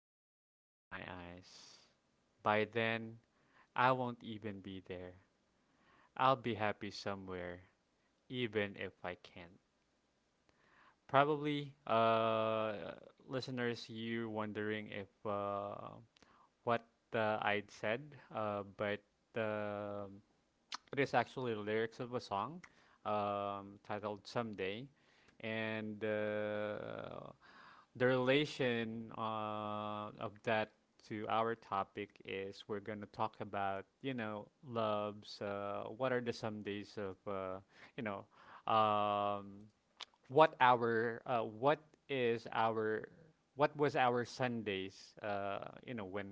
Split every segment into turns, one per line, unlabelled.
see this through my eyes. By then, I won't even be there. I'll be happy somewhere, even if I can't. Probably, listeners, you're wondering if what I'd said, but um it is actually the lyrics of a song, titled Someday. And the relation of that to our topic is we're going to talk about, you know, loves, what are the somedays of, you know, um, what our what is our what was our Sundays, you know, when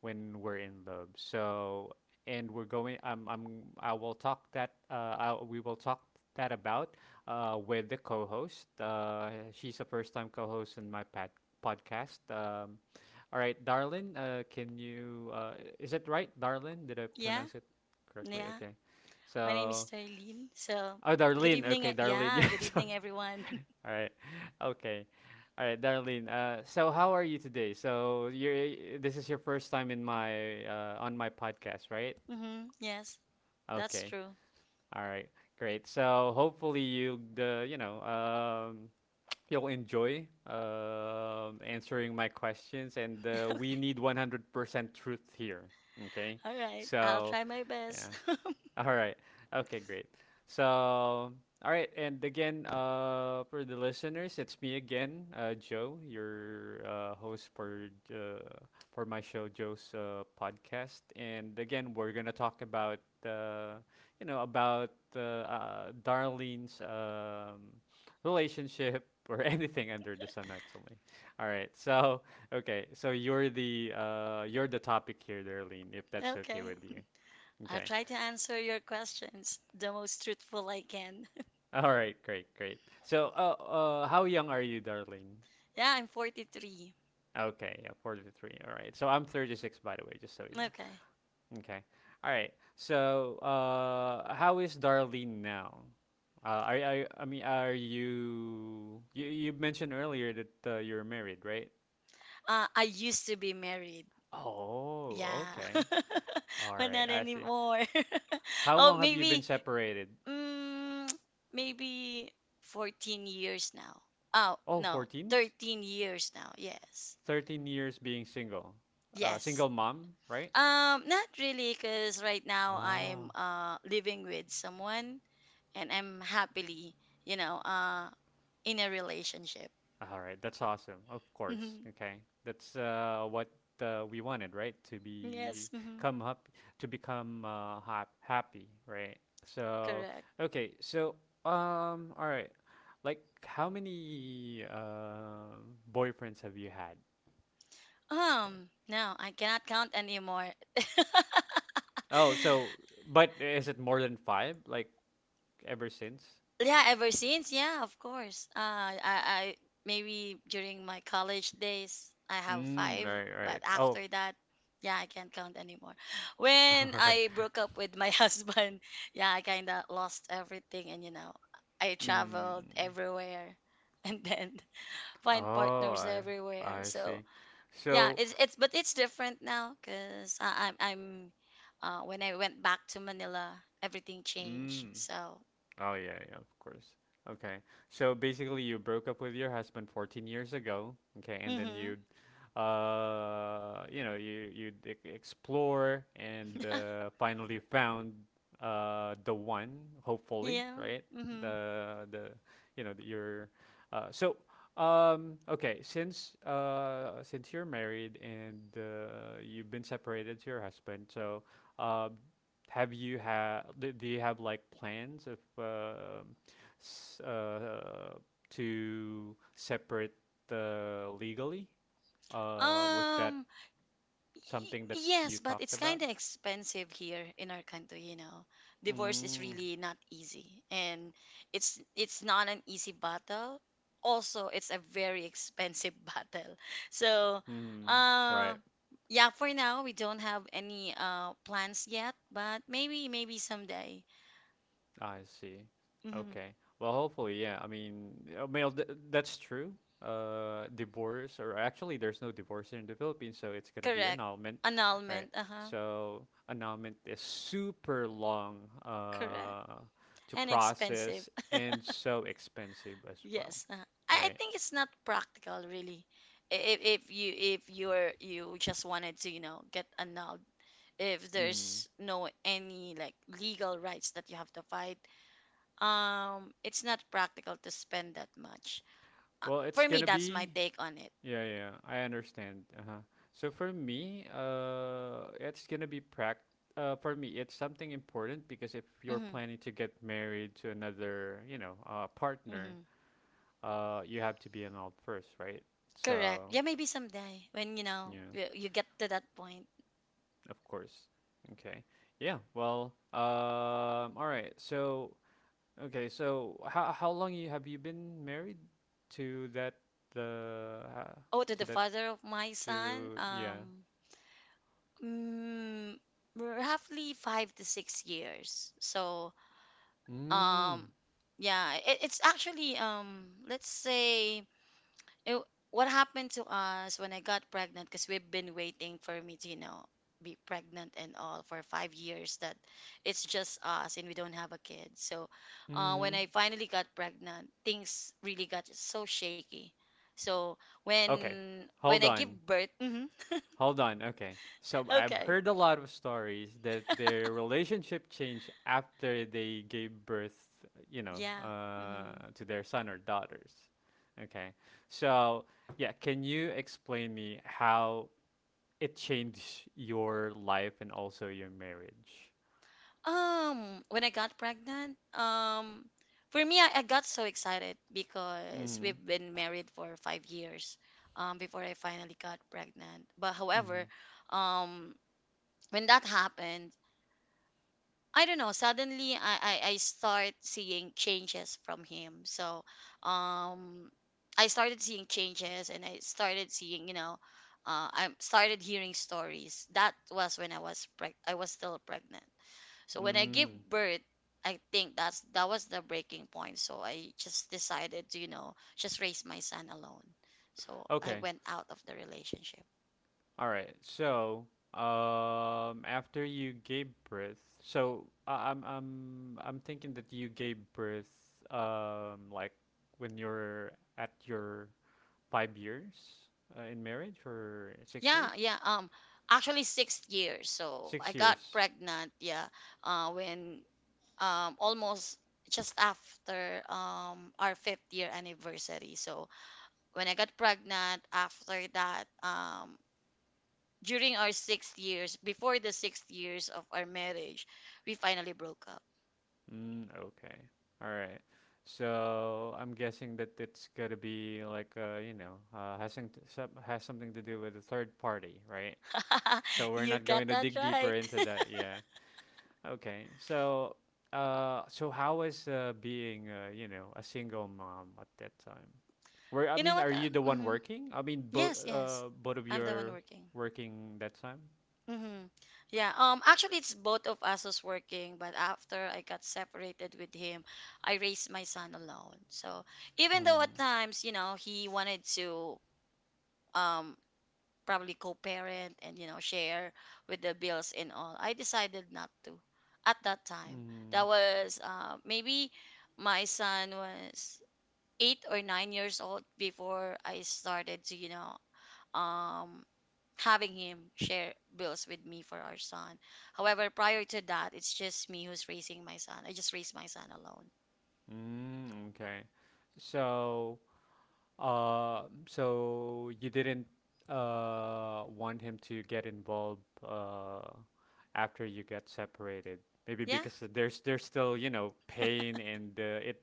when we're in love. So, and we're going, I will talk that, we will talk that about, with the co-host. She's a first time co-host in my podcast. All right, Darlin, can you is it right, Darlin, did I
Yeah,
pronounce it correctly?
yeah.
Okay,
My name is
so
Darlene. So,
Oh,
good
Darlene.
evening.
Okay, Darlene.
Yeah,
Yeah,
good
sorry.
evening, everyone.
All right. Okay. All right, Darlene. So how are you today? So you're this is your first time in my on my podcast, right?
Yes, that's
Okay.
true.
All right. Great. So hopefully you the you know, you'll enjoy, answering my questions, and we need 100% truth here. Okay.
All right, I'll
So
try my best.
yeah. All right. Okay, great. So, all right. And again, for the listeners, it's me again, Joe, your host for my show, Joe's podcast. And again, we're gonna talk about, uh, you know, about Darlene's, relationship, or anything under the sun, actually. All right. So, okay. So you're the topic here, Darlene, if that's okay
Okay,
with you.
I'll
Okay.
try to answer your questions the most truthful I can.
All right, great, great. So, how young are you, darling?
Yeah, I'm 43.
Okay, yeah, 43. All right. So, I'm 36, by the way, just so you know.
Okay.
Okay. All right. So, how is Darlene now? I mean, you mentioned earlier that you're married, right?
I used to be married.
Oh,
Yeah,
okay. All
but
right,
not
I see.
anymore.
How
Oh,
long have you been separated?
Mm, maybe 14 years now. Oh,
Oh,
no,
14?
13 years now. Yes.
13 years being single.
Yes.
Single mom, right?
Not really, because right now
Ah.
I'm living with someone, and I'm happily, you know, uh, in a relationship.
All right, that's awesome. Of course.
Mhm.
Okay. That's what we wanted, right? To be
Yes, mhm,
come up to become happy, right? So,
correct.
okay. So, all right. Like how many boyfriends have you had?
No, I cannot count anymore.
Oh, so but is it more than 5, like ever since?
Yeah, ever since, yeah, of course. I maybe during my college days, I have
Mm,
five,
right,
but
right. Oh.
after that, yeah, I can't count anymore.
All
When
right.
I broke up with my husband, yeah, I kind of lost everything, and I traveled
Mm.
everywhere, and then find
Oh,
partners everywhere.
I
So,
see.
yeah,
So,
it's but it's different now, cause I, I'm when I went back to Manila, everything changed.
mm.
So.
Oh yeah, yeah, of course. Okay. So basically you broke up with your husband 14 years ago, okay, and then
Mm-hmm.
you you know, you explore and, finally found the one, hopefully,
Yeah.
right?
Mm-hmm.
The, you know, your so, okay, since you're married and you've been separated to your husband, so uh have you had, do you have like plans of, s to separate legally? Was that
Um,
something that you
yes, but
talked
it's
about?
kind of expensive here in our country. Divorce is
Mm,
really not easy, and it's not an easy battle. Also, it's a very expensive battle. So,
hmm. Right.
uh, yeah, for now we don't have any plans yet, but maybe someday.
I see.
Mm-hmm.
Okay. Well, hopefully, yeah. I mean, that's true. Divorce, or actually, there's no divorce here in the Philippines, so it's gonna be
Correct.
annulment, right?
Annulment. Uh-huh.
So annulment is super long
Correct.
to
And expensive.
process, and so expensive as well,
Yes, I
right?
think it's not practical really. If you just wanted to get annulled, if
Mm.
there's no any like legal rights that you have to fight, it's not practical to spend that much.
Well, it's
For me,
gonna
that's my
be
take on it.
Yeah, yeah, I understand. Uh-huh. So for me, it's gonna be prac. For me, it's something important because if you're
Mm-hmm,
planning to get married to another, you know, partner,
mm-hmm.
you have to be an adult first, right?
Correct.
So,
Yeah, maybe someday when you know
yeah,
you, you get to that point.
of course. Okay. Yeah. Well. All right. So. Okay. So how long you have you been married to that the
Oh, to
to
the
that
father of my son,
to yeah.
mm, roughly 5 to 6 years. So,
Mm.
um yeah, it's actually, let's say, it, what happened to us when I got pregnant, because we've been waiting for me to be pregnant and all for 5 years, that it's just us and we don't have a kid. So, when
Hmm.
I finally got pregnant, things really got so shaky. So
Okay,
when I
hold
give
on,
birth. Hmm.
hold on. Okay, so I've
Okay.
heard a lot of stories that their relationship changed after they gave birth, you know,
Yeah. Hmm.
to their son or daughters. Okay, so yeah, can you explain me how it changed your life and also your marriage?
When I got pregnant, for me, I got so excited because
Mm-hmm.
we've been married for 5 years, before I finally got pregnant. But
Mm-hmm.
however, um, when that happened, I don't know, suddenly I start seeing changes from him. So, um, I started seeing changes, and I started seeing, I started hearing stories. That was when I was still pregnant. So when I give
Mm.
birth, I think that was the breaking point. So I just decided to, just raise my son alone. So I
Okay.
went out of the relationship.
All right. So, after you gave birth, so I I'm thinking that you gave birth, like when you're at your 5 years in marriage or six
Yeah,
years?
yeah. Actually, 6 years. So I
Six
got
years.
pregnant. Yeah. When, almost just after, our fifth year anniversary. So when I got pregnant, after that, during our sixth years, before the sixth years of our marriage, we finally broke up.
Mm, okay. All right. So I'm guessing that it's gonna be like, you know, has some, has something to do with a third party, right? So we're
You
not going
got
to
that
dig deeper
right.
into that. Yeah. Okay. So, so how was, being, you know, a single mom at that time? Where I
You know
mean,
what?
are you the one
Mhm.
working? I mean, both
Yes, yes.
of you
I'm the one
are
working.
working that time.
Hmm. Yeah. Actually, it's both of us was working, but after I got separated with him, I raised my son alone. So even though at
Hmm.
times, he wanted to, um probably co-parent and share with the bills and all, I decided not to at that time. That
Mm.
was, maybe my son was 8 or 9 years old before I started to, um, having him share bills with me for our son. However, prior to that, it's just me who's raising my son. I just raised my son alone.
Mm. Okay. So, so you didn't want him to get involved uh after you got separated. Maybe
Yeah.
because there's still, you know, pain, and it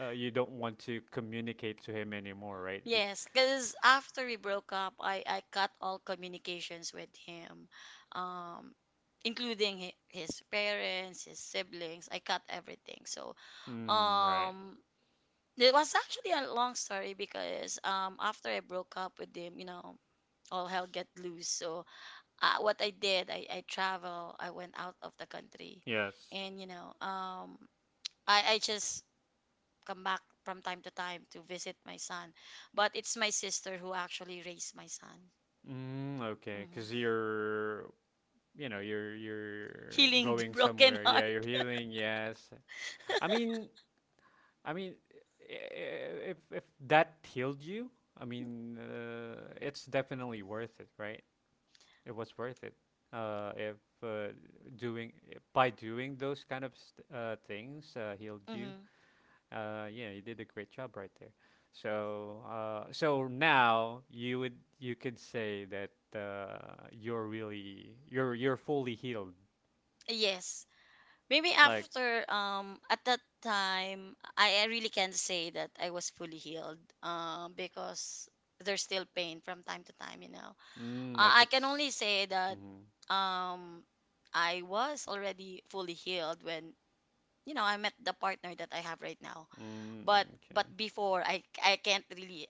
you don't want to communicate to him anymore, right? Y-
Yes, because after we broke up, I cut all communications with him, um, including his parents, his siblings. I cut everything. So,
Mm, right.
um, it was actually a long story, because, after I broke up with him, all hell get loose. So, what I did, I went out of the country,
Yes.
and I just come back from time to time to visit my son, but it's my sister who actually raised my son.
Mm, okay. Because
hmm
you're, you know, you're
Healing the
going
broken
somewhere. Yeah,
heart.
you're healing. Yes. I mean, I mean, if that healed you, I mean, it's definitely worth it, right? It was worth it. If uh, doing by doing those kind of things healed you,
Hmm.
Yeah, you did a great job right there. So, so now you would you could say that you're really you're fully healed.
Yes. Maybe
Like,
after, at that time, I really can't say that I was fully healed, because there's still pain from time to time.
mm, like
I can only
it's.
say that,
Mm-hmm.
um I was already fully healed when, I met the partner that I have right now.
Mm,
But but
okay.
before, I can't really,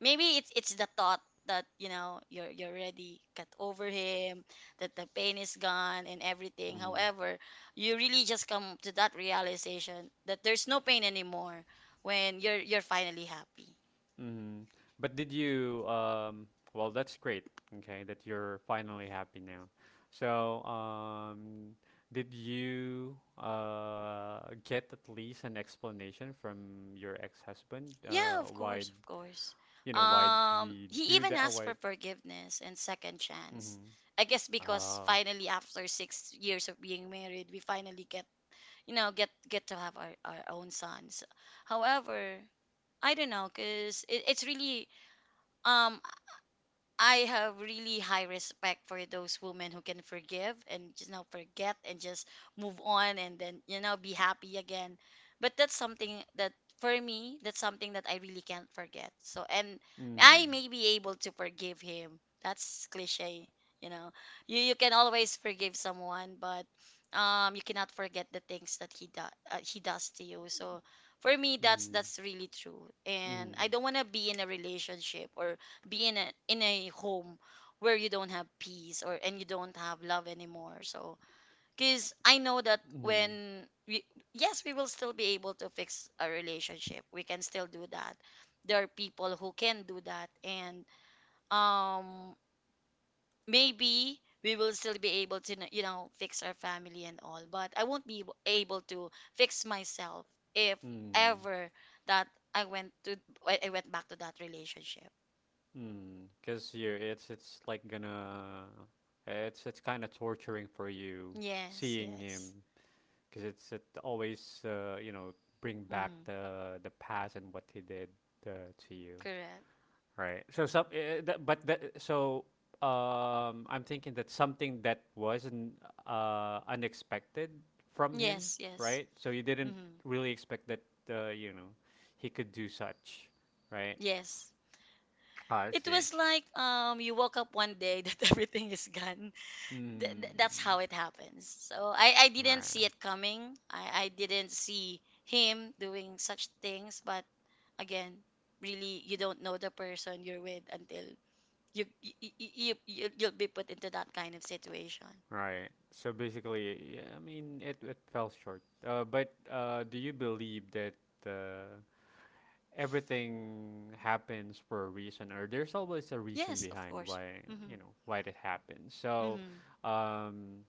maybe it's the thought that, you're already cut over him, that the pain is gone and everything.
Mm-hmm.
However, you really just come to that realization that there's no pain anymore when you're finally happy.
Mm. But did you, well, that's great, okay, that you're finally happy now. So, did you get at least an explanation from your ex-husband?
Yeah, of
Why,
course, of course.
you know, why did he
He
do
even
that? Or
asked
why?
for forgiveness and second chance.
Mm-hmm.
I guess because
Oh.
finally after 6 years of being married, we finally get you know get to have our own sons. However, I don't know, cause it, it's really um I have really high respect for those women who can forgive and just now forget and just move on, and then, be happy again. But that's something that for me, that's something that I really can't forget. And I
Mm.
may be able to forgive him. That's cliche, you know. You can always forgive someone, but you cannot forget the things that he does to you. So for me, that's
Mm.
that's really true. And
Mm.
I don't want to be in a relationship or be in a home where you don't have peace or and you don't have love anymore. So, because I know that
Mm.
when we, yes, we will still be able to fix a relationship, we can still do that. There are people who can do that, and, um maybe we will still be able to, fix our family and all, but I won't be able to fix myself if
Mm.
ever that i went to I went back to that relationship.
Mm. Because you, it's like gonna, it's kind of torturing for you
Yes,
seeing
yes.
him because it's it always, you know, bring back
Mhm.
the past and what he did to you,
Correct.
right? So some, that, but that, so, I'm thinking that something that wasn't unexpected from him,
Yes, yes.
right? So you didn't
Hmm.
really expect that you know he could do such, right?
Yes.
I
It
see.
was like, you woke up one day that everything is gone. That's
Mm,
how it happens. So I didn't see
right.
it coming. I didn't see him doing such things, but again, really you don't know the person you're with until you'll be put into that kind of situation.
Right. So basically, yeah, I mean, it fell short. But do you believe that uh, everything happens for a reason, or there's always a reason
Yes, of
behind
course.
why you
Mhm.
know why that happens? So,
Mhm.
um,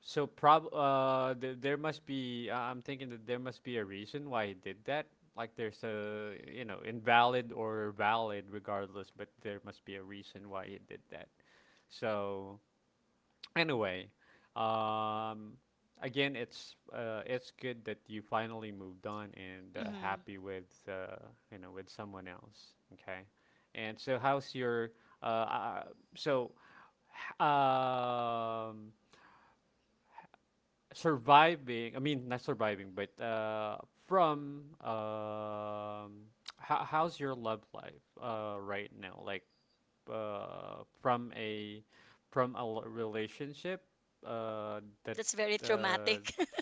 there must be. I'm thinking that there must be a reason why he did that. Like there's a, you know, invalid or valid regardless, but there must be a reason why he did that. So. Anyway, um, again, it's, it's good that you finally moved on, and
Mhm.
happy with you know with someone else. Okay, and so how's your uh, uh so h- um surviving, I mean, not surviving, but from how, how's your love life right now? Like uh from a relationship that
That's very
uh
traumatic.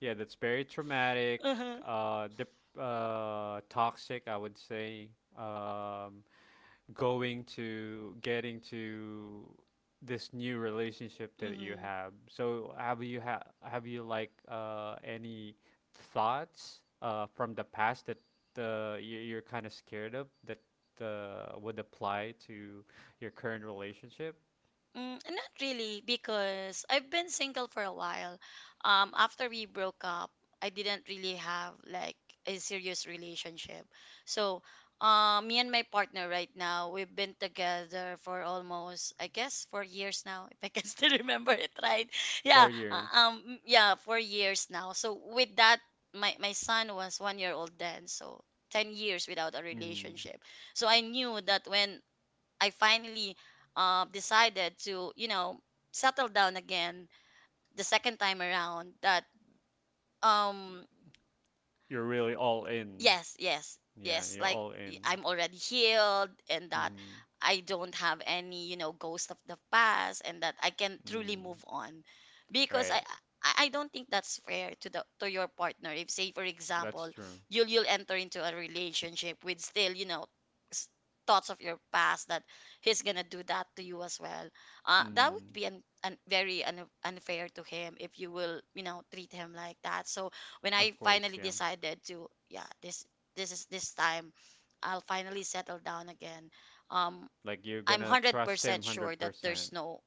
yeah that's very traumatic,
Uh-huh.
uh dip, toxic, I would say, um going to getting to this new relationship that you
Mhm.
have. So have you ha have you like any thoughts from the past that you're kind of scared of that would apply to your current relationship?
Mm, not really, because I've been single for a while. After we broke up, I didn't really have like a serious relationship. So, me and my partner right now, we've been together for almost, I guess, 4 years now, if I can still remember it right.
Four
Yeah,
years.
yeah, 4 years now. So with that, my son was 1 year old then, so 10 years without a
Mm-hmm.
relationship. So I knew that when I finally, decided to, settle down again the second time around, that, um
You're really all in.
yes, yes,
Yeah,
yes.
you're
Like,
all in.
I'm already healed, and that
Mm-hmm.
I don't have any, ghost of the past, and that I can truly
Mm.
move on. Because
Right.
I don't think that's fair to your partner. If, say for
That's
example,
true.
you'll enter into a relationship with still, s- thoughts of your past that he's gonna do that to you as well. That would
Mm.
be an very unfair to him if you will, treat him like that. So when I
Of course,
finally
yeah.
decided to, yeah, this time I'll finally settle down again. Um,
Like you're
I'm
gonna
hundred
trust him
percent sure that there's
100%.
no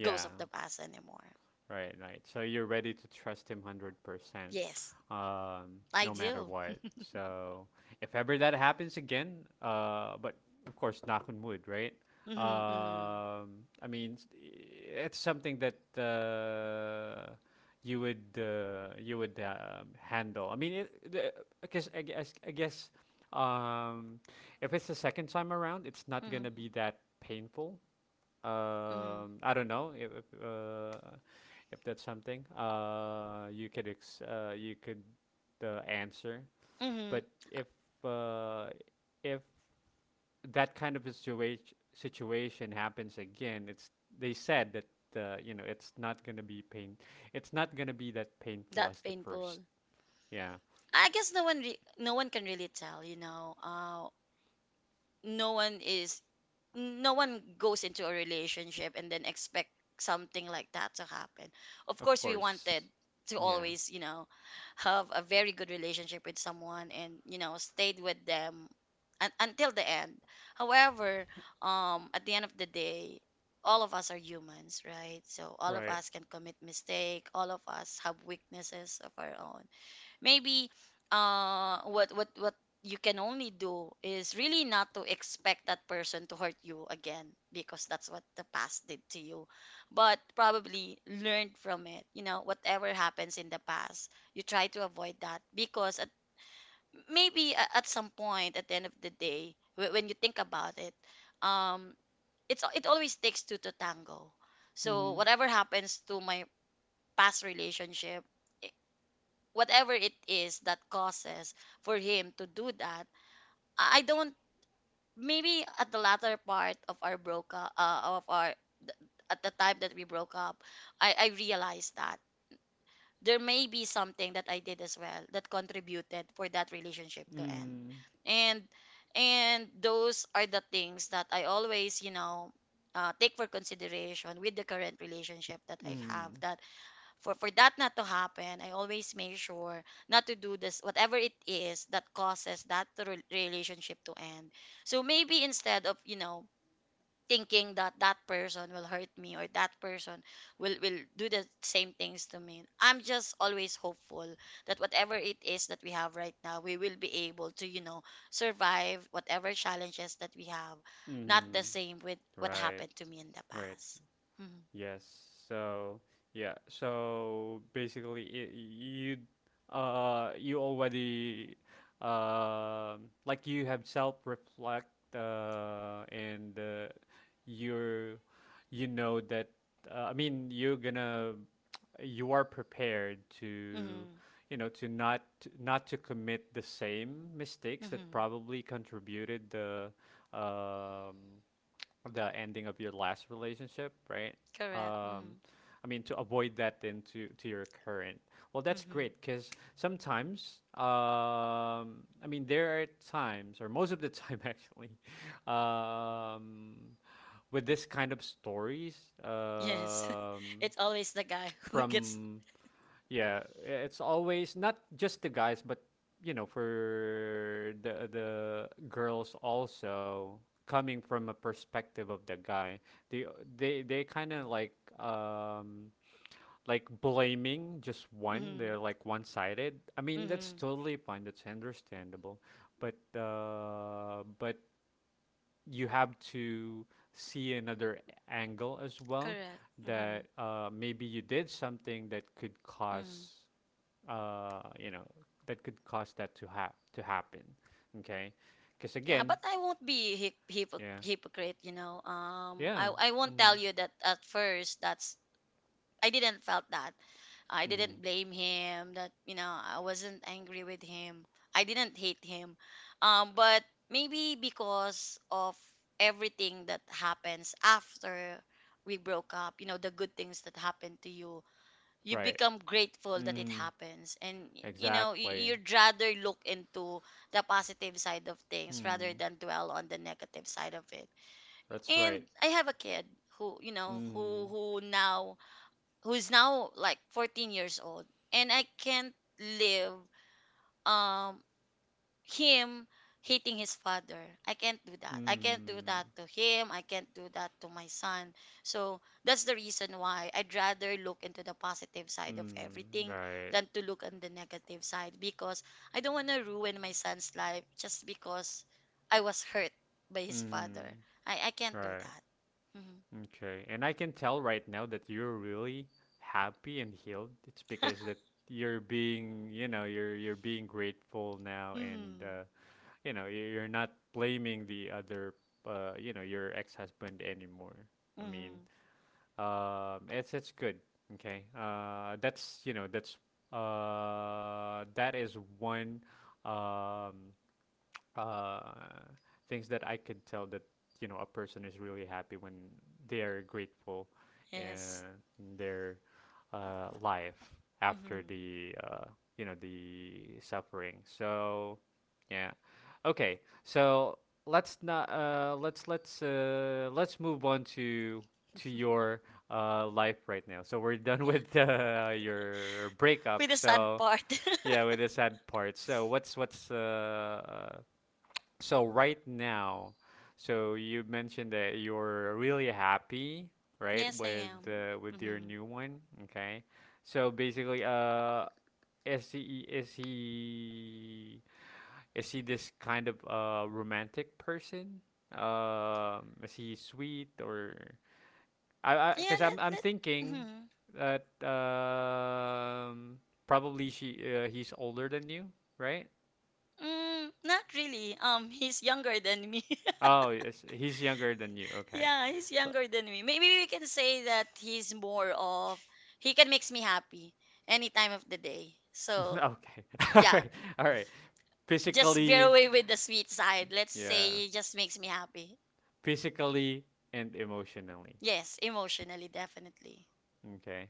ghost of the past anymore.
right, right. So you're ready to trust him 100%,
Yes, I
no matter
do.
what. So if ever that happens again, but of course, knock on wood, right?
Mm-hmm,
I mean, s- it's something that you would handle. I mean, it, the, I guess, um, if it's the second time around, it's not gonna
hmm,
be that painful,
hmm,
I don't know if if that's something you could you could answer,
hmm.
but if uh if that kind of a situation happens again, it's they said that, you know, it's not going to be pain, it's not going to be that painful as
That
the first.
painful.
Yeah.
I guess, no one no one can really tell. No one is no one goes into a relationship and then expect something like that to happen. Of
Of
course, we wanted
course.
to
Yeah.
always, have a very good relationship with someone, and, stayed with them until the end. However, at the end of the day, all of us are humans, right? So all of
Right.
us can commit mistake. All of us have weaknesses of our own maybe what you can only do is really not to expect that person to hurt you again because that's what the past did to you, but probably learn from it, whatever happens in the past you try to avoid that because maybe at some point at the end of the day when you think about it, um it always takes two to tango. So
Mhm.
whatever happens to my past relationship, whatever it is that causes for him to do that, I don't. Maybe at the latter part of our broke up of our th- at the time that we broke up, I realized that there may be something that I did as well that contributed for that relationship to end.
Mm.
And and those are the things that I always, take for consideration with the current relationship that I have,
Mm.
that for that not to happen I always make sure not to do this whatever it is that causes that to relationship to end. So maybe instead of, you know, thinking that that person will hurt me or that person will do the same things to me, I'm just always hopeful that whatever it is that we have right now we will be able to, you know, survive whatever challenges that we have, not the
Mm.
same with what
Right.
happened to me in the
Right.
past. Mm-hmm.
Yes. So yeah. So basically, I you you already, like you have self reflect, and you're you know that, I mean you're gonna you are prepared to,
Mm-hmm.
you know, to not, not to commit the same mistakes that
Mm-hmm.
probably contributed the, um the ending of your last relationship, right?
Correct.
Um,
Mm-hmm.
I mean, to avoid that then to your current. Well, that's
Mm-hmm.
great because sometimes, I mean, there are times, or most of the time, actually, um, with this kind of stories,
Yes.
um,
It's always the guy who gets.
from yeah, it's always not just the guys, but, you know, for the girls also coming from a perspective of the guy. They they kind of like blaming just one.
Mm-hmm.
They're like one-sided. I mean, that's
Mm-hmm.
totally fine. That's understandable. But you have to see another angle as well
Correct. Mm-hmm.
that maybe you did something that could
Mm-hmm.
cause uh, you know that to happen. Okay, because
Yeah,
again.
but I won't be
Yeah.
hypocrite, you know.
Yeah.
I won't
Mm-hmm.
tell you that at first. That's I didn't felt that. I
Mm-hmm.
didn't blame him. That, you know, I wasn't angry with him. I didn't hate him. But maybe because of everything that happens after we broke up, you know, the good things that happened to you, you
Right.
become grateful that it
Mm.
happens and you know
Exactly.
you'd rather look into the positive side of things rather
Hmm.
than dwell on the negative side of it.
That's right.
And I have a kid who, you know, who
Mm.
who now who's now like 14 years old, and I can't live, um, him hating his father. I can't do that. I can't do
Mm.
that to him. I can't do that to my son. So that's the reason why I'd rather look into the positive side of
Mm.
everything
Right.
than to look on the negative side, because I don't want to ruin my son's life just because I was hurt by his father.
Mm.
I can't do
Right.
that. Mm-hmm.
Okay, and I can tell right now that you're really happy and healed. It's because that you're being grateful now and
Mm-hmm.
you're not blaming the other, your ex-husband anymore. I mean,
Mm-hmm.
it's good. Okay, that's you know that's that is one, um uh, things that I could tell that a person is really happy when they are grateful
Yes.
in their life after
Mm-hmm.
the you know the suffering. So yeah. Okay. So let's not let's let's move on to your life right now. So we're done
Yeah.
with your
With
breakup.
the sad
So
part.
yeah, with the sad part. So what's so right now, so you mentioned that you're really happy, right,
Yes, I am.
with your
Mm-hmm.
new one, okay? So basically, is he is he is he this kind of romantic person? Is he sweet or I
Yeah,
because I'm
let,
I'm
let,
thinking
mhm.
that probably she he's older than you, right?
Mm, not really. He's younger than me.
Oh, yes, he's younger than you. Okay.
Yeah, he's
So.
younger than me. Maybe we can say that he's more of he can makes me happy any time of the day. So
Okay. All
yeah,
right. All right.
just veer
Physically,
away with the sweet side. Let's
yeah.
say he just makes me happy.
Physically and emotionally.
Yes, emotionally, definitely.
Okay.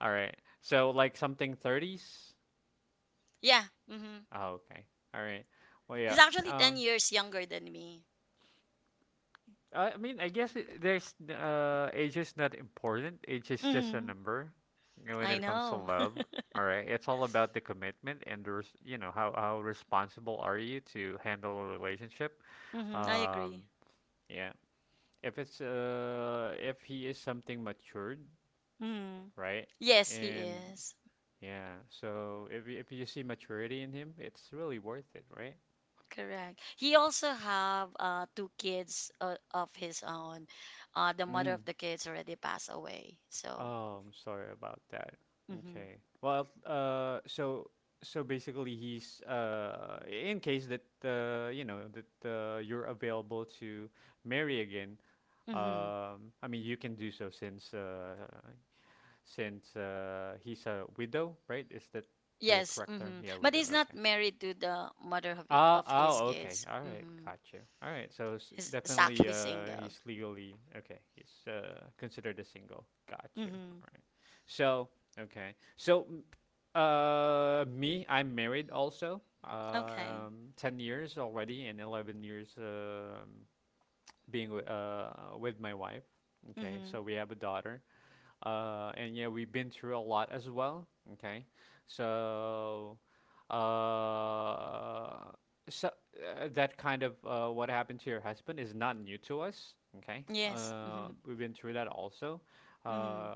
All right. So like something 30s?
Yeah. Mm-hmm.
Oh, okay. All right. Well,
He's
yeah.
actually ten
Um
years younger than me.
I mean, I guess there's age is not important. Age is just a
Mm-hmm.
number. You know, when
I
it comes to
know.
love, all right. It's all about the commitment and the res you know, how responsible are you to handle a relationship?
Mm-hmm. I agree.
Um, yeah. if it's if he is something matured,
Mm-hmm.
right?
Yes, he
And
is.
yeah, so if you see maturity in him, it's really worth it, right?
Correct. He also have two kids of his own. The mother of
Mm.
the kids already passed away. So,
Oh, I'm sorry about that.
mm-hmm.
Okay. Well, so basically, he's in case that you know that you're available to marry again,
Mm-hmm.
I mean you can do so since he's a widow, right? Is that the
Yes,
correct term?
mm-hmm.
Yeah,
But
widow.
he's not
Okay.
married to the mother of
Ah,
of his
oh, okay.
kids.
All right,
Mm-hmm.
got you. All right, so s
He's
definitely,
actually single.
he's legally okay. He's considered a single. Got you.
Mm-hmm.
All right. So okay. So, me, I'm married also.
Okay.
10 years already, and 11 years being with my wife. Okay,
Mm-hmm.
so we have a daughter, and yeah, we've been through a lot as well. Okay, so uh, so that kind of what happened to your husband is not new to us. Okay,
Yes. Mm-hmm.
we've been through that also.
Mm-hmm.
Uh,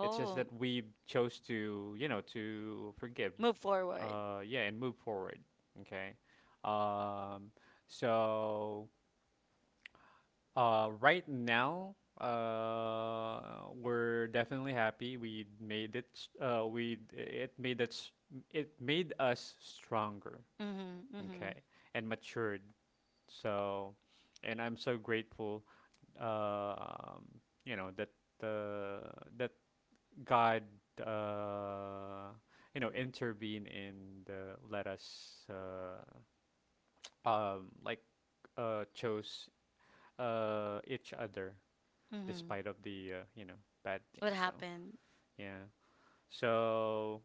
it's just that we chose to, forgive,
move forward.
yeah, and move forward. Okay, um, so right now, we're definitely happy. We made it. S- we it made us stronger.
Mm-hmm. Mm-hmm.
Okay, and matured. So, and I'm so grateful. You know that uh, that God uh, intervened and, let us, like, chose each other
Mm-hmm.
despite of the, bad
What
things. So
happened?
yeah. So,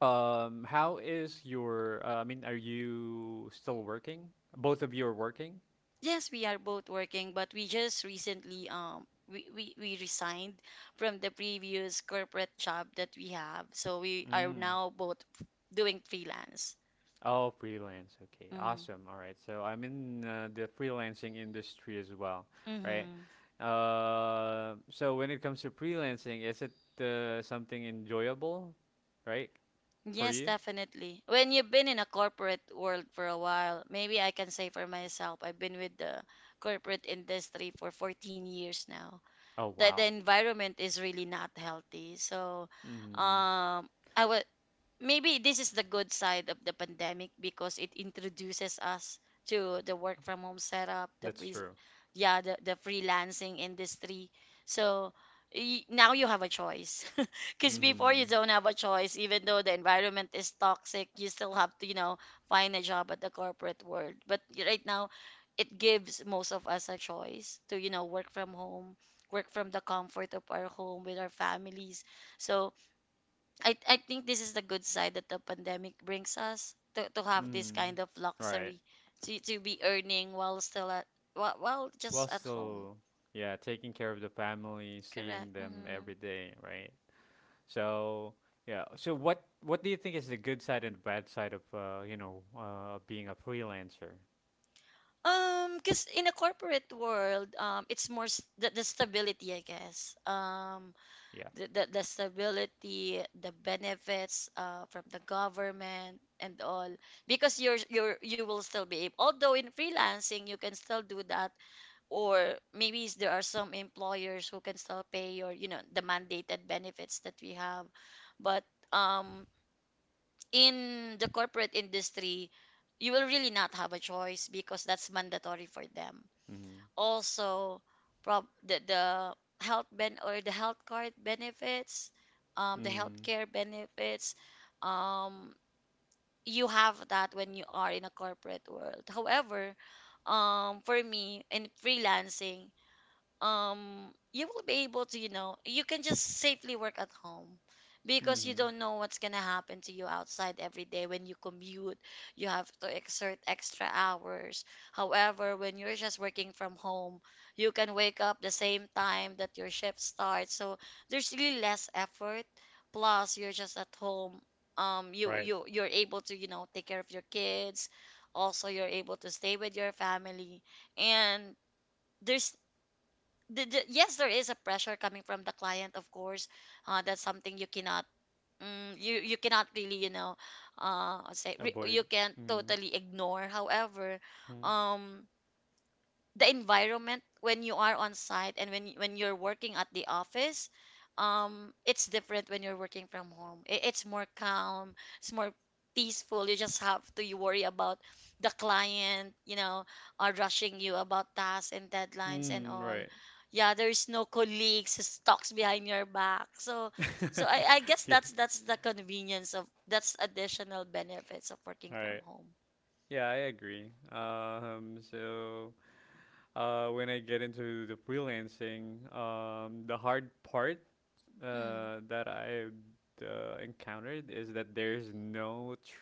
how is your? I mean, are you still working? Both of you are working.
Yes, we are both working, but we just recently we resigned from the previous corporate job that we have. So we are
Mm.
now both doing freelance.
Oh, freelance. Okay,
Mm-hmm.
awesome. All right. So I'm in the freelancing industry as well, right?
Mm-hmm.
So when it comes to freelancing, is it something enjoyable, right, for
Yes,
you?
definitely. When you've been in a corporate world for a while, maybe I can say for myself, I've been with the corporate industry for 14 years now.
Oh,
The
wow.
environment is really not healthy. So,
Mm-hmm.
um, I was maybe this is the good side of the pandemic, because it introduces us to the work from home setup, the
That's
pre
true.
yeah, the freelancing industry. So now you have a choice because before
Mm-hmm.
you don't have a choice, even though the environment is toxic, you still have to, you know, find a job at the corporate world. But right now it gives most of us a choice to, you know, work from home, work from the comfort of our home with our families. So I think this is the good side that the pandemic brings us to have this
Mm-hmm.
kind of
All right.
luxury to be earning while still at while
While
just at home.
still, yeah, taking care of the family,
Correct.
seeing them
Mm-hmm.
every day, right? So, yeah. So what do you think is the good side and the bad side of, being a freelancer?
Um, because in a corporate world, um, it's more the stability, I guess. Um,
Yeah.
the stability, the benefits from the government and all, because you're you will still be able, although in freelancing you can still do that, or maybe is there are some employers who can still pay your, you know, the mandated benefits that we have. But, um, in the corporate industry you will really not have a choice because that's mandatory for them.
Mm-hmm.
Also, prob the health ben or the health card benefits, um, the
Mm-hmm.
healthcare benefits, um, you have that when you are in a corporate world. However, um, for me in freelancing, um, you will be able to, you know, you can just safely work at home, because you
Mm-hmm.
don't know what's going to happen to you outside every day when you commute. You have to exert extra hours. However, when you're just working from home, you can wake up the same time that your shift starts, so there's really less effort. Plus, you're just at home. Um, you
Right.
you you're able to, you know, take care of your kids, also you're able to stay with your family. And there's the, yes, there is a pressure coming from the client, of course. That's something you cannot, mm, you cannot really, you know, say
Avoid.
you can
Mm-hmm.
totally ignore. However, um, the environment when you are on site and when you're working at the office, um, it's different. When you're working from home, it, it's more calm, it's more peaceful. You just have to you worry about the client, you know, are rushing you about tasks and deadlines and
Mm,
all.
right.
Yeah, there's no colleagues who talks behind your back. So, so I guess
Yes.
that's the convenience of that's additional benefits of working
All
from
right.
home.
Yeah, I agree. So when I get into the freelancing, the hard part that I encountered is that there's no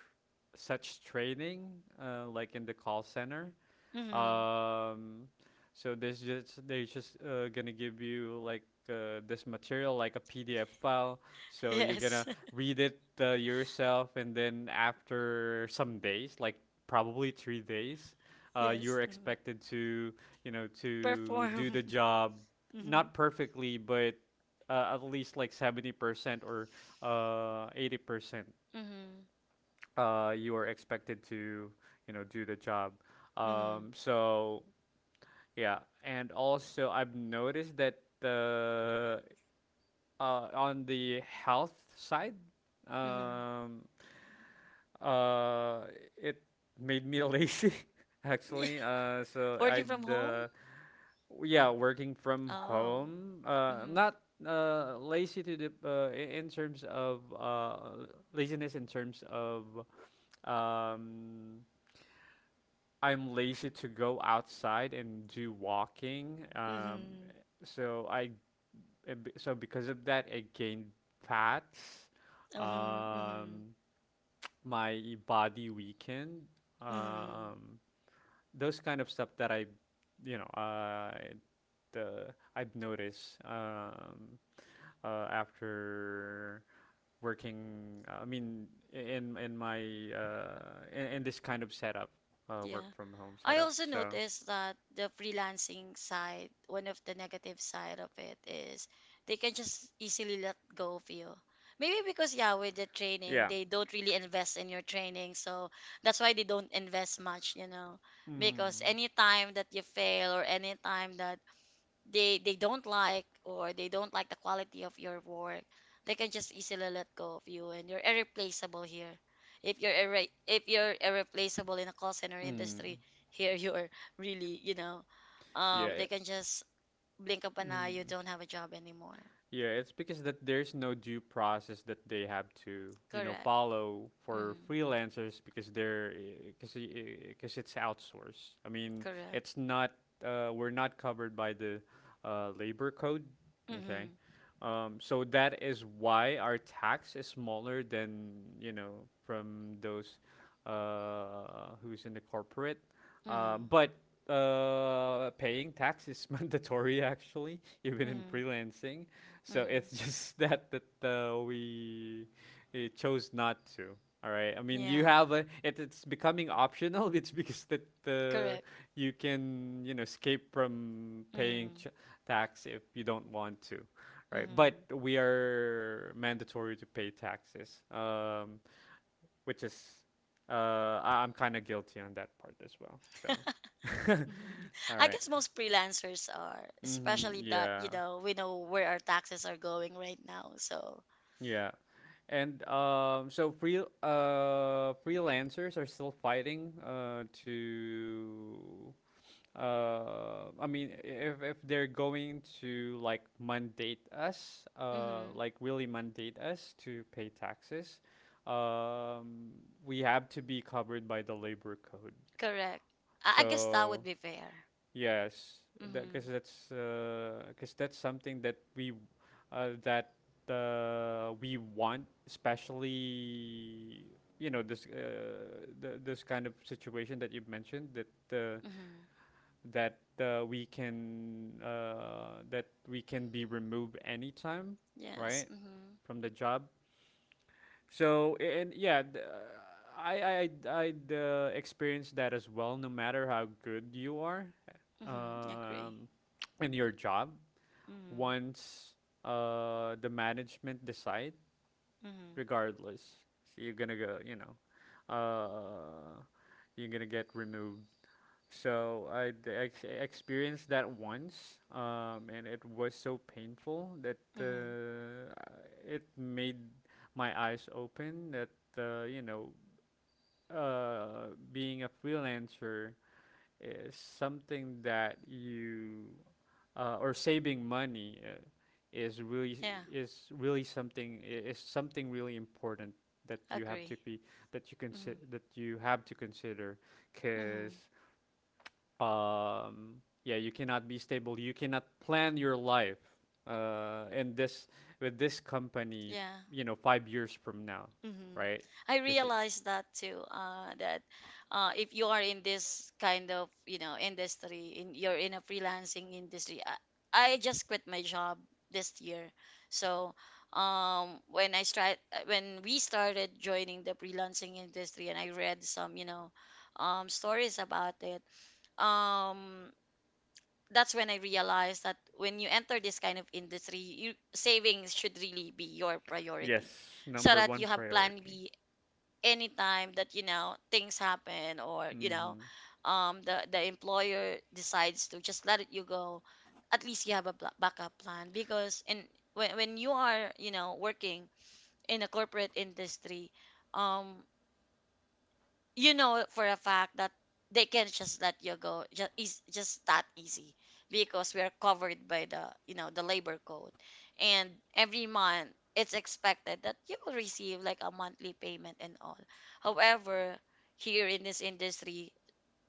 such training, like in the call center.
Mm-hmm.
Um, so there's just they're just gonna give you like this material, like a PDF file. So you're gonna
Yes.
read it yourself, and then after some days, like probably 3 days,
Yes.
you're
Mhm.
expected to, do
Perform.
the job,
Mhm.
not perfectly, but at least like 70% or 80%,
Mhm.
you are expected to, do the job.
Mhm.
Um, so yeah, and also I've noticed that the on the health side,
Mhm.
um, uh, it made me lazy
Yeah.
actually. So
Working from home?
yeah, working from
Oh.
home,
Mhm.
not lazy to in terms of, laziness in terms of, um, I'm lazy to go outside and do walking.
Mhm.
So so because of that, I gained fat.
Mhm. Mhm.
Um, my body weakened.
Mhm.
Um, those kind of stuff that I, you know, the I've noticed, after working. I mean, i- in in my in this kind of setup, work
Yeah.
from home
I
setup.
also
So.
noticed that the freelancing side, one of the negative side of it is they can just easily let go of you. Maybe because yeah, with the training,
Yeah.
they don't really invest in your training, so that's why they don't invest much, you know. Because
Mm.
any time that you fail or any time that they don't like or they don't like the quality of your work, they can just easily let go of you, and you're irreplaceable here. If you're if you're irreplaceable in a call center
Mm.
industry, here you're really, you know, um,
Yeah.
they
Yeah.
can just blink of an eye, you
Mm.
don't have a job anymore.
Yeah, it's because that there's no due process that they have to,
Correct.
follow for
Mm-hmm.
freelancers because they're because it's outsourced. I mean,
Correct.
it's not, we're not covered by the labor code, okay?
Mm-hmm.
So that is why our tax is smaller than, from those who's in the corporate.
Mm-hmm.
But paying tax is mandatory actually, even in
Mm-hmm.
freelancing. So
Mm-hmm.
it's just that we, chose not to. All right. I mean, you
Yeah.
have a it's becoming optional. It's because that
Correct.
you can, escape from paying
Mm-hmm.
tax if you don't want to, right? But
Mm-hmm.
we are mandatory to pay taxes, which is, uh, I'm kind of guilty on that part as well. So, all
I
right.
guess most freelancers are,
Mm-hmm.
especially that, you
Yeah,
know, we know where our taxes are going right now. So,
yeah, and, so freelancers are still fighting to, I mean, if they're going to,
mm-hmm.
like really mandate us to pay taxes, um we have to be covered by the labor code.
Correct. I guess that would
So
be fair.
yes,
Mm-hmm.
because that's something that uh that we want, especially, this kind of situation that you've mentioned, that
Mm-hmm.
that we can that we can be removed anytime,
Yes.
right,
Mm-hmm.
from the job. So and yeah, I I I experienced that as well. No matter how good you are,
Mm-hmm. Agree.
um, in your job,
Mm-hmm.
once the management decide,
Mm-hmm.
regardless, so you're gonna go, you know, uh, you're gonna get removed. So I experienced that once, and it was so painful that
Mm-hmm.
it made my eyes open that, uh, you know being a freelancer is something that you, or saving money is really,
Yeah.
is something really important, that you have to
Agree.
be that you consider
Mm-hmm.
that you have to consider, because,
Mm-hmm.
yeah, you cannot be stable, you cannot plan your life in this with this company,
Yeah.
5 years from now,
Hmm.
right?
I
Because
realized that too. That, if you are in this kind of, you know, industry, in you're in a freelancing industry. I just quit my job this year, so, when I start, when we started joining the freelancing industry, and I read some, you know, stories about it. Um, that's when I realized that when you enter this kind of industry, you, savings should really be your priority,
yes,
so
number
that
one
you have plan
priority.
B anytime that, you know, things happen or, you know,
Mhm.
um, the employer decides to just let you go. At least you have a backup plan, because in when you are, you know, working in a corporate industry, um, you know for a fact that they can just let you go just is just that easy, because we are covered by the, you know, the labor code, and every month it's expected that you will receive like a monthly payment and all. However, here in this industry,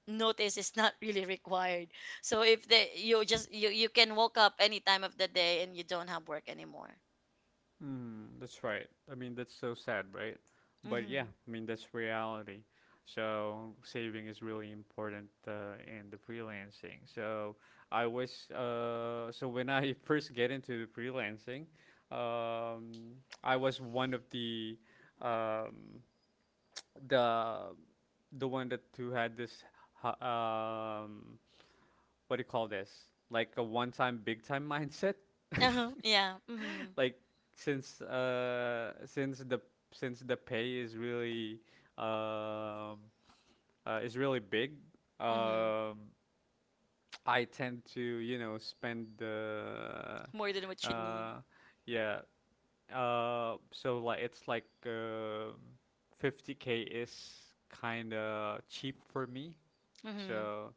notice is not really required. So if they you just you you can woke up any time of the day and you don't have work anymore.
Mm, that's right. I mean, that's so sad, right? But yeah,
Mm-hmm.
I mean, that's reality. So saving is really important, in the freelancing. So I was so when I first get into the freelancing, um, I was one of um, the the one that who had this, h- um, what do you call this? Like a one time big time mindset,
Uh-huh. Yeah, mm-hmm.
like, since the, since the pay is really, um is really big,
Mm-hmm.
um I tend to, you know, spend the,
More than what you need.
uh yeah, so like it's like, 50K is kind of cheap for me,
Mm-hmm.
so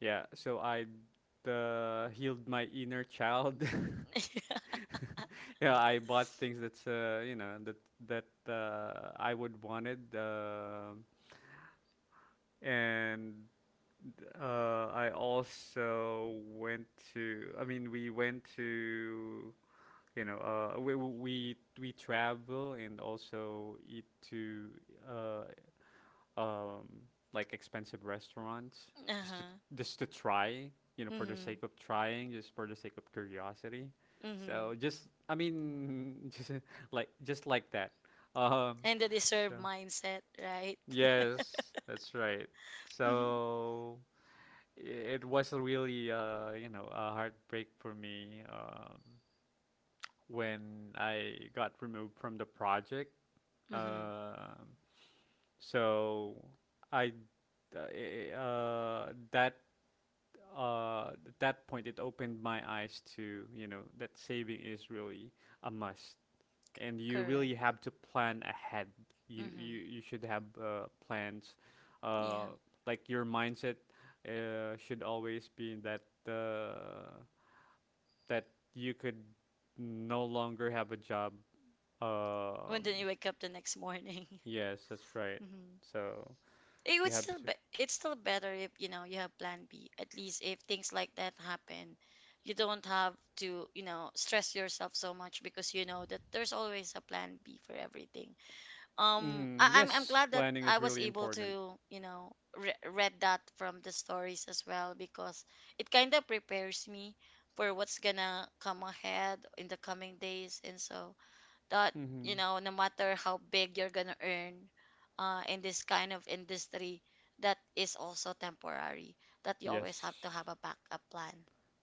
yeah, so I, healed my inner child. Yeah, I bought things that's, you know, that I would wanted, and, I also went to. I mean, we went to, you know, we travel and also eat to, uh, um, like expensive restaurants, just to,
Uh-huh.
just to try, you know, for the
Mm-hmm.
sake of trying, just for the sake of curiosity.
Mm-hmm.
So just, I mean, just like that. Um,
And the deserve
so
mindset, right?
yes, that's right. So it was a really, you know, a heartbreak for me, when I got removed from the project.
Mm-hmm.
Um so, I, d- that at that point it opened my eyes to, you know, that saving is really a must, and you really
Correct.
have to plan ahead. You you
Mm-hmm.
you should have plans, uh,
Yeah.
like your mindset should always be uh, that you could no longer have a job.
When
Um,
then you wake up the next morning.
yes, that's right.
Hmm.
So
It
you
would
have
still
to.
be it's still better if you know you have plan B. At least if things like that happen, you don't have to, you know, stress yourself so much, because you know that there's always a plan B for everything.
Hmm
I'm
Yes,
glad that
planning
I
is
was
really
able
important.
to read that from the stories as well because it kind of prepares me for what's gonna come ahead in the coming days, and so that you
Hmm
know, no matter how big you're gonna earn in this kind of industry, that is also temporary, that you always have to
Yes,
have a backup plan.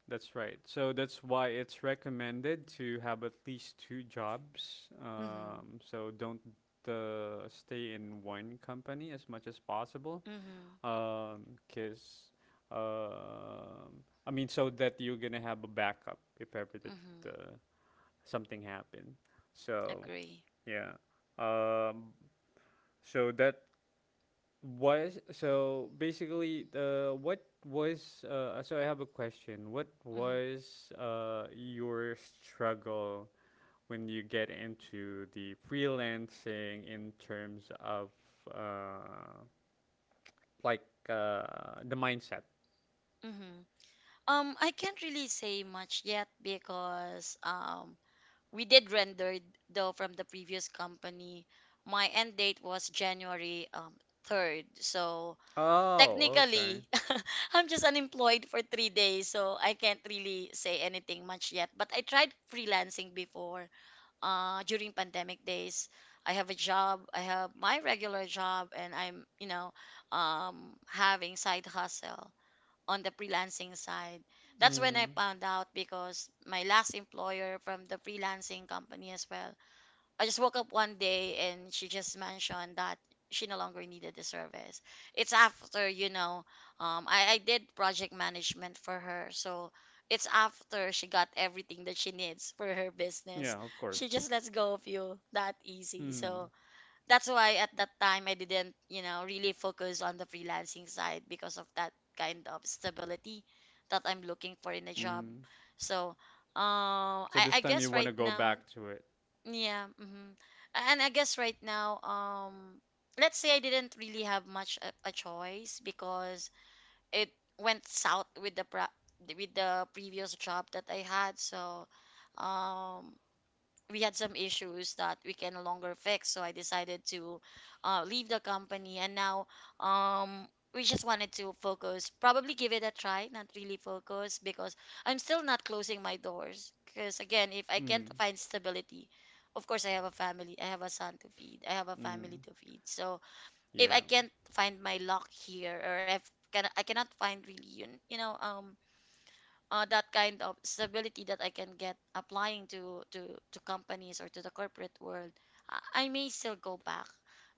that's right. So that's why it's recommended to have at least two jobs.
Mhm.
So don't stay in one company as much as possible.
Mhm.
Um, cause, so that you're gonna have a backup if ever that
Mhm.
uh, something happened. So
Agree.
yeah. Um, so that Was so basically what was so I have a question. What
Mhm.
was your struggle when you get into the freelancing in terms of uh like the mindset?
Mhm. I can't really say much yet because we did render though from the previous company. My end date was January 3rd. So
Oh, okay.
technically, I'm just unemployed for 3 days. So I can't really say anything much yet. But I tried freelancing before during pandemic days. I have a job, I have my regular job, and I'm, you know, having side hustle on the freelancing side. That's when I
Mm.
found out, because my last employer from the freelancing company as well. I just woke up one day and she just mentioned that she no longer needed the service. It's after, you know, I did project management for her. So it's after she got everything that she needs for her business.
Yeah, of
She
course.
just lets go of you that easy.
Mm.
So that's why at that time I didn't, you know, really focus on the freelancing side because of that kind of stability that I'm looking for in a job.
Mm.
So, uh,
So
I,
this
I
time you
guess
want
right
to go
now,
back to it.
yeah, hmm, and I guess right now, let's say I didn't really have much a choice because it went south with the pro- with the previous job that I had. So, um, we had some issues that we can no longer fix, so I decided to leave the company, and now um we just wanted to focus, probably give it a try, not really focus, because I'm still not closing my doors, because again, if I can't
Mm.
find stability, of course I have a family, I have a son to feed, I have a family
Mm.
to feed. So if I
Yeah.
can't find my luck here, or if can, I cannot find really that kind of stability that I can get applying to companies or to the corporate world, I may still go back.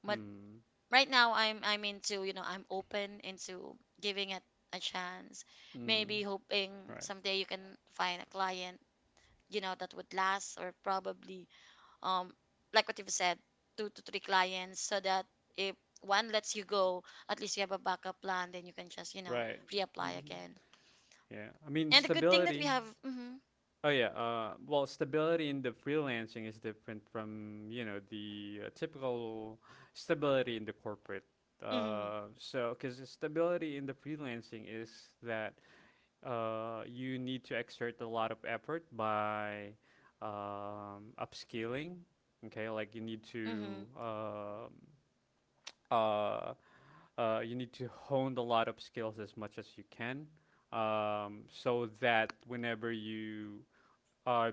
But
Mm.
right now, I'm into you know I'm open into giving it a chance.
Mm.
Maybe hoping
Right.
someday you can find a client, you know, that would last, or probably um like what you've said, two to three clients, so that if one lets you go, at least you have a backup plan, then you can just, you know,
Right.
reapply
Mm.
again.
Yeah, I mean
And the good thing that we
stability.
have,
Oh yeah, well, stability in the freelancing is different from you know the typical stability in the corporate.
hmm.
Because the stability in the freelancing is that you need to exert a lot of effort by upscaling. Okay, like
Mm-hmm.
uh, you need to hone the lot of skills as much as you can so that whenever you are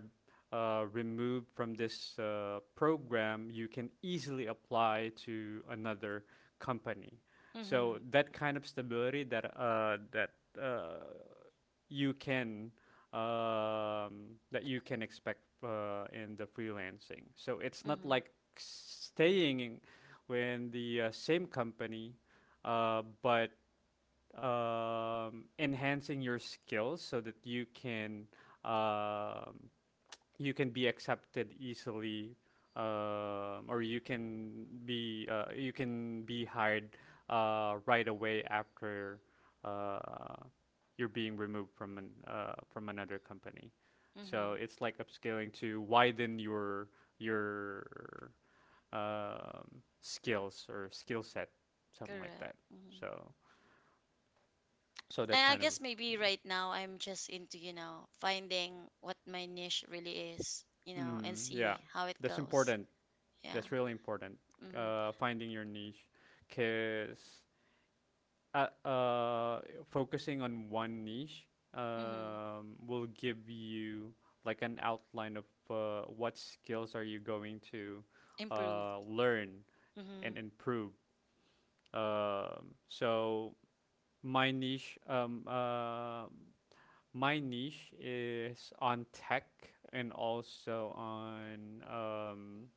removed from this program, you can easily apply to another company. So
Mm-hmm.
that kind of stability that that uh, you can that you can expect in the freelancing. So it's not
Mm-hmm.
like staying in, when the same company, but enhancing your skills so that um, you can be accepted easily or you can be hired right away after uh, you're being removed from from another company. So
Mm-hmm.
it's like upscaling to widen your skills or skill set, something like
Correct.
that.
Mm-hmm.
So so that
And I
kind of
guess
you
maybe
know.
right now I'm just into, you know, finding what my niche really is, you know, and
Mm, yeah,
see how it
that's
goes.
important.
Yeah.
That's really important.
Mm-hmm.
Finding your niche, cause uh, uh, focusing on one niche
Mm-hmm.
will give you like an outline of what skills are you going to
Improve.
learn and
Mm-hmm.
improve. Um, so my niche, um, uh, my niche is on tech and also on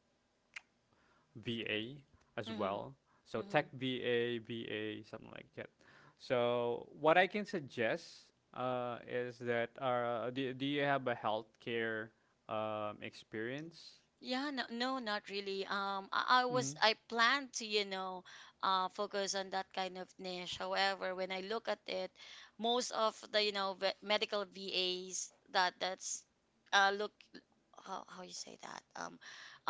VA as
Mm-hmm.
well. So
Mm-hmm.
Tech VA, something like that. So what I can suggest is that do, do you have a healthcare experience?
Yeah, no, no, not really. I was
Mm.
I planned to, you know, focus on that kind of niche. However, when I look at it, most of the, you know, ve medical VAs that that's look how you say that um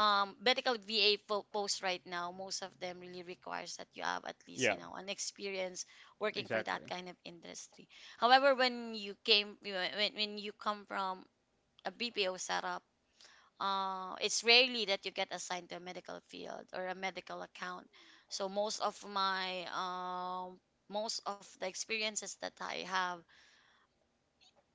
um medical VA fo post right now, most of them really requires that you have at least, you
Yeah,
know, an experience working for that
exactly.
kind of industry. However, when you came when you come from a BPO setup, it's rarely that you get assigned to a medical field or a medical account. So most of my most of the experiences that I have,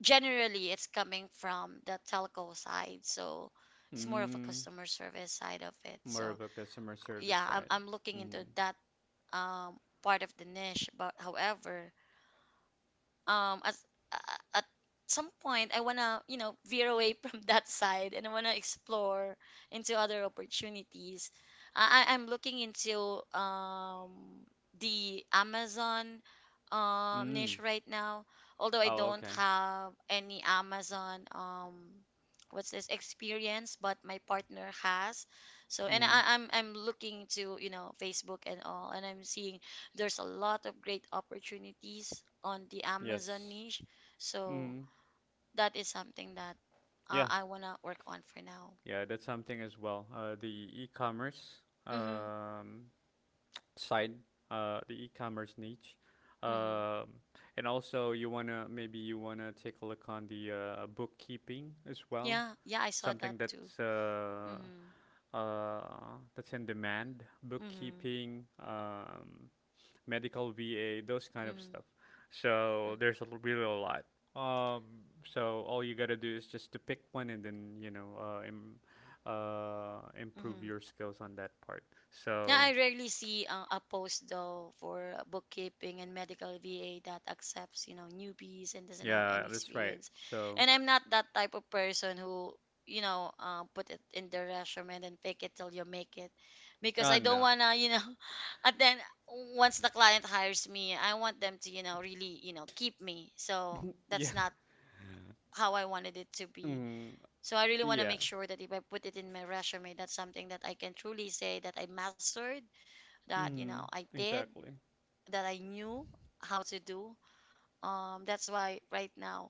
generally it's coming from the telco side. So it's more of a
Mm,
customer service side of it.
more
So
of a customer service
yeah,
side.
I'm looking into
Mm.
that um, part of the niche. But however, um as at some point I want to, you know, veer away from that side, and I want to explore into other opportunities. I'm looking into the Amazon niche
Mm.
right now, although I
Oh,
don't
okay.
have any Amazon what's this experience, but my partner has. So, and
Mm.
I'm looking to, you know, Facebook and all, and I'm seeing there's a lot of great opportunities on the Amazon
Yes.
niche. So
Mm.
that is something that
Yeah.
I want to work on for now.
Yeah, that's something as well. The e-commerce.
Mm-hmm.
Um, Side, the e-commerce niche.
Mm-hmm.
Um, and also you wanna take a look on the bookkeeping as well,
Yeah. Yeah, I saw that
something
too. Mm-hmm.
uh, that's in demand,
Mm-hmm.
bookkeeping, medical VA, those kind of
Mm-hmm.
stuff.
Yeah.
So there's a, l- really a lot. Um, so all you gotta do is just to pick one and then you know uh, Im- improve
Mm-hmm.
your skills on that part.
Yeah,
So
I rarely see a post though for bookkeeping and medical VA that accepts, you know, newbies and doesn't have
Yeah,
any
that's right.
experience.
So,
And I'm not that type of person who, you know, put it in the resume and fake it till you make it, because I don't
no.
wanna, you know, and then once the client hires me, I want them to, you know, really, you know, keep me. So
yeah.
that's not how I wanted it to be.
Mm,
So I really want to
yeah.
make sure that if I put it in my resume, that's something that I can truly say that I mastered, that you know
Mm,
I did,
exactly.
that I knew how to do. That's why right now,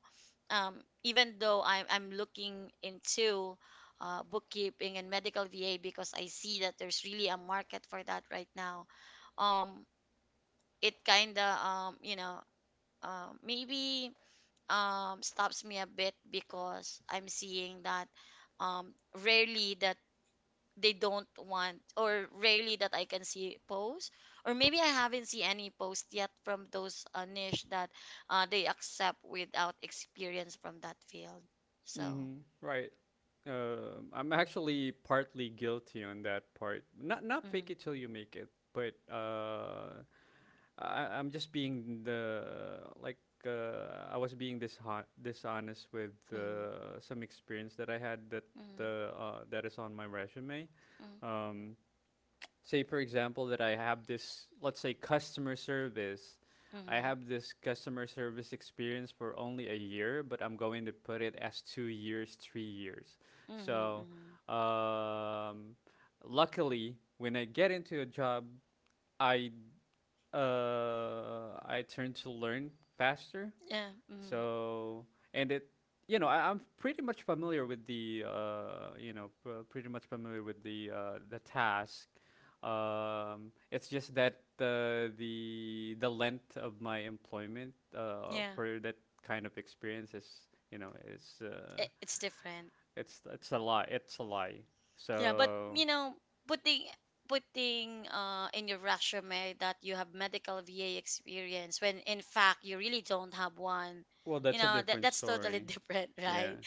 even though I'm looking into bookkeeping and medical VA because I see that there's really a market for that right now. Um, it kinda maybe stops me a bit because I'm seeing that um rarely that they don't want, or rarely that I can see posts, or maybe I haven't seen any post yet from those niche that they accept without experience from that field. So,
Mm, right. I'm actually partly guilty on that part. Not fake
mm-hmm,
it till you make it, but I'm just being the like I was being this dishonest with
mm-hmm,
some experience that I had that that is on my resume.
mm-hmm,
Um, say for example that I have this, let's say, customer service. I
mm-hmm,
have this customer service experience for only a year, but I'm going to put it as 2 years, 3 years.
mm-hmm,
So
mm-hmm.
um, luckily when I get into a job, I I turn to learn faster.
Yeah, mm-hmm,
So and it, you know, I'm pretty much familiar with the, pretty much familiar with the task. It's just that the length of my employment
yeah,
for that kind of experience is, you know, is
it's different.
it's a lie. It's a lie.
Yeah, but
So
you know, putting putting in your resume that you have medical VA experience when in fact you really don't have one.
well,
You
that's a
know, that
different
that's totally
story.
different,
Yeah,
right?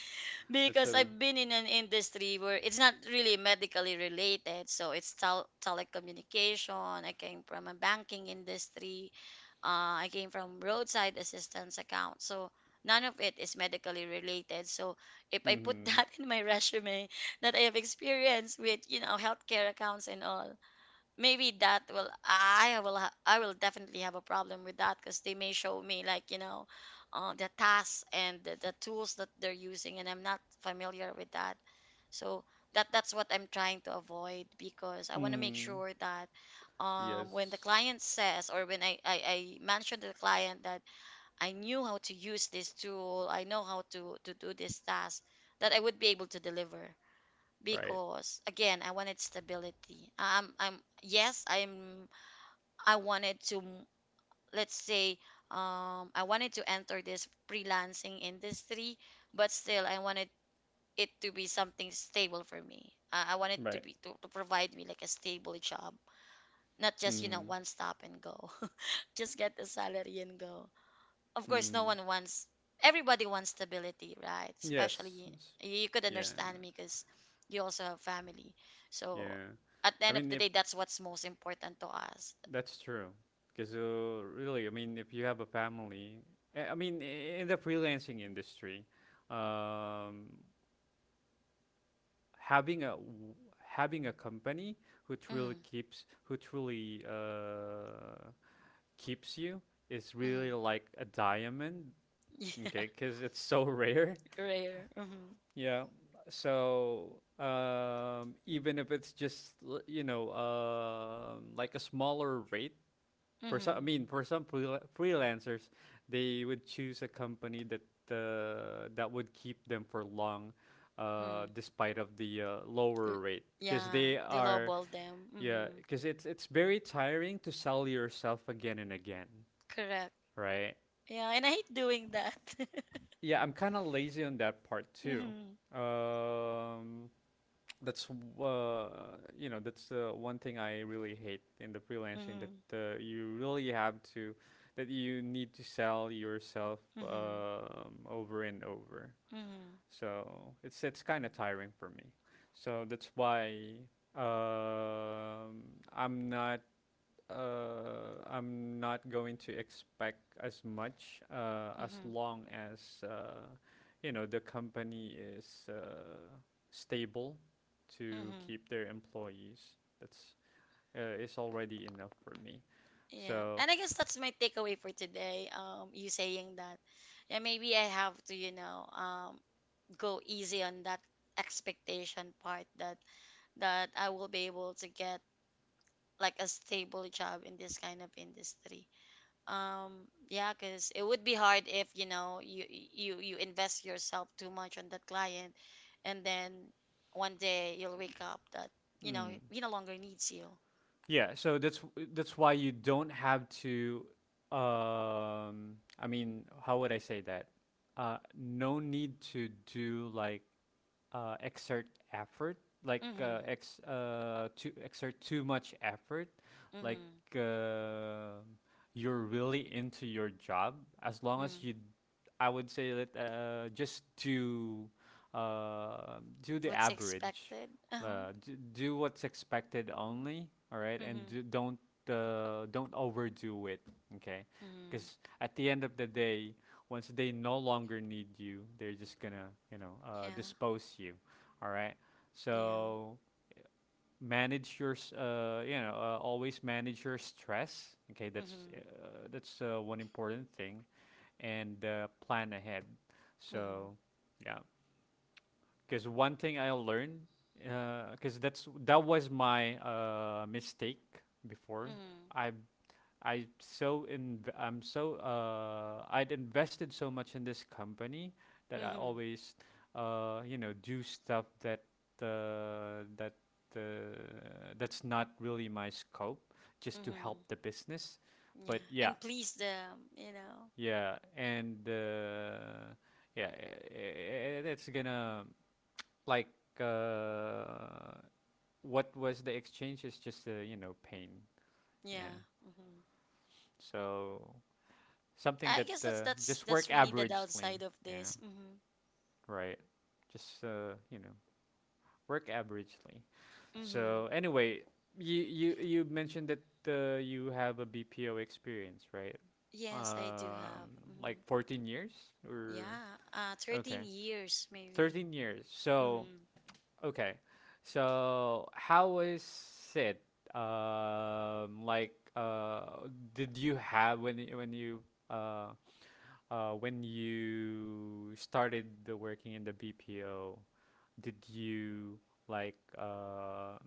that's
Because
a.
I've been in an industry where it's not really medically related, so it's telecommunication. I came from a banking industry, I came from roadside assistance account. So none of it is medically related. So if I put
Mm-hmm.
that in my resume that I have experience with, you know, healthcare accounts and all, maybe that will I will ha- I will definitely have a problem with that, because they may show me like, you know, the tasks and the tools that they're using, and I'm not familiar with that. So that that's what I'm trying to avoid, because I want to make
Mm.
sure that when the
Yes.
client says, or when I mentioned to the client that I knew how to use this tool, I know how to do this task, that I would be able to deliver.
Right.
Because again, I wanted stability. I'm yes, I wanted to, let's say, I wanted to enter this freelancing industry, but still I wanted it to be something stable for me. I wanted to
Right.
be to provide me like a stable job, not just, you know,
Mm.
one stop and go. just get the salary and go. Of course, no
Mm,
one wants, everybody wants stability, right?
yes.
Especially,
s-
you could
Yeah.
understand me because you also have family. So,
Yeah.
at the
I
end of
mean,
the
if
day, that's what's most important to us.
that's true, because really, I mean, if you have a family, I mean, I- in the freelancing industry, um, having a w- having a company
Mm-hmm,
who truly keeps you is
mm-hmm.
really like a diamond,
Yeah,
okay? Because it's so rare.
rare. Mm-hmm,
Yeah. So even if it's just l- you know like a smaller rate for some, I
mm-hmm,
mean for some freela- freelancers, they would choose a company that that would keep them for long,
mm-hmm.
despite of the lower rate, because
Yeah,
they
they
are
lowball them.
yeah,
Mm-hmm,
because it's very tiring to sell yourself again and again,
correct.
right?
Yeah, and I hate doing that.
Yeah, I'm kind of lazy on that part too.
Mm-hmm,
Um, that's uh, one thing I really hate in the freelancing that
mm-hmm,
you really have to that you need to sell yourself
mm-hmm,
over and over.
mm-hmm,
So it's kind of tiring for me. So that's why um, I'm not I'm not going to expect as much as
mm-hmm,
long as you know the company is stable to
mm-hmm.
keep their employees. That's is already enough for me.
Yeah,
So
and I guess that's my takeaway for today. You saying that, yeah, maybe I have to, you know, go easy on that expectation part, that that I will be able to get like a stable job in this kind of industry. Yeah, because it would be hard if, you know, you invest yourself too much on that client, and then one day you'll wake up that, you know,
mm,
he no longer needs you.
yeah, so that's why you don't have to. I mean, how would I say that? No need to do like exert effort, like
Mm-hmm.
ex to exert too much effort, like
Mm-hmm.
uh, you're really into your job. As long as
Mm-hmm.
you, I would say that just to do the
What's
average,
expected? Uh-huh.
d- do what's expected only. All right, and
Mhm.
do, don't overdo it. Okay,
Mhm.
because at the end of the day once they no longer need you, they're just gonna, you know,
Yeah.
dispose you. All right.
Yeah.
So manage your, s- you know, always manage your stress. Okay, that's
Mhm.
one important thing, and plan ahead.
Mhm.
So, yeah, because one thing I learned, because that's that was my mistake before.
Mhm.
I've I'm so I'd invested so much in this company that I
Mhm.
always do stuff uh that uh, that's not really my scope just to
Mhm.
help the business but
Yeah.
yeah
And please them, you know.
yeah and yeah it, it's gonna like uh what was the exchange is just you know pain yeah
Yeah. Mhm.
so something
I
that
guess that's that's
just
that's
work
really the
averagely.
downside of
Yeah,
this. Mhm.
right. Just you know, work averagely.
Mhm.
So anyway, you mentioned that you have a BPO experience, right?
Yes, I do
Um,
have.
like
Mhm.
14 years or
Yeah.
okay,
13 years maybe.
13 years. So
Mhm.
okay, so how is it? Like, did you have when you, when you uh when you started the working in the BPO, did you like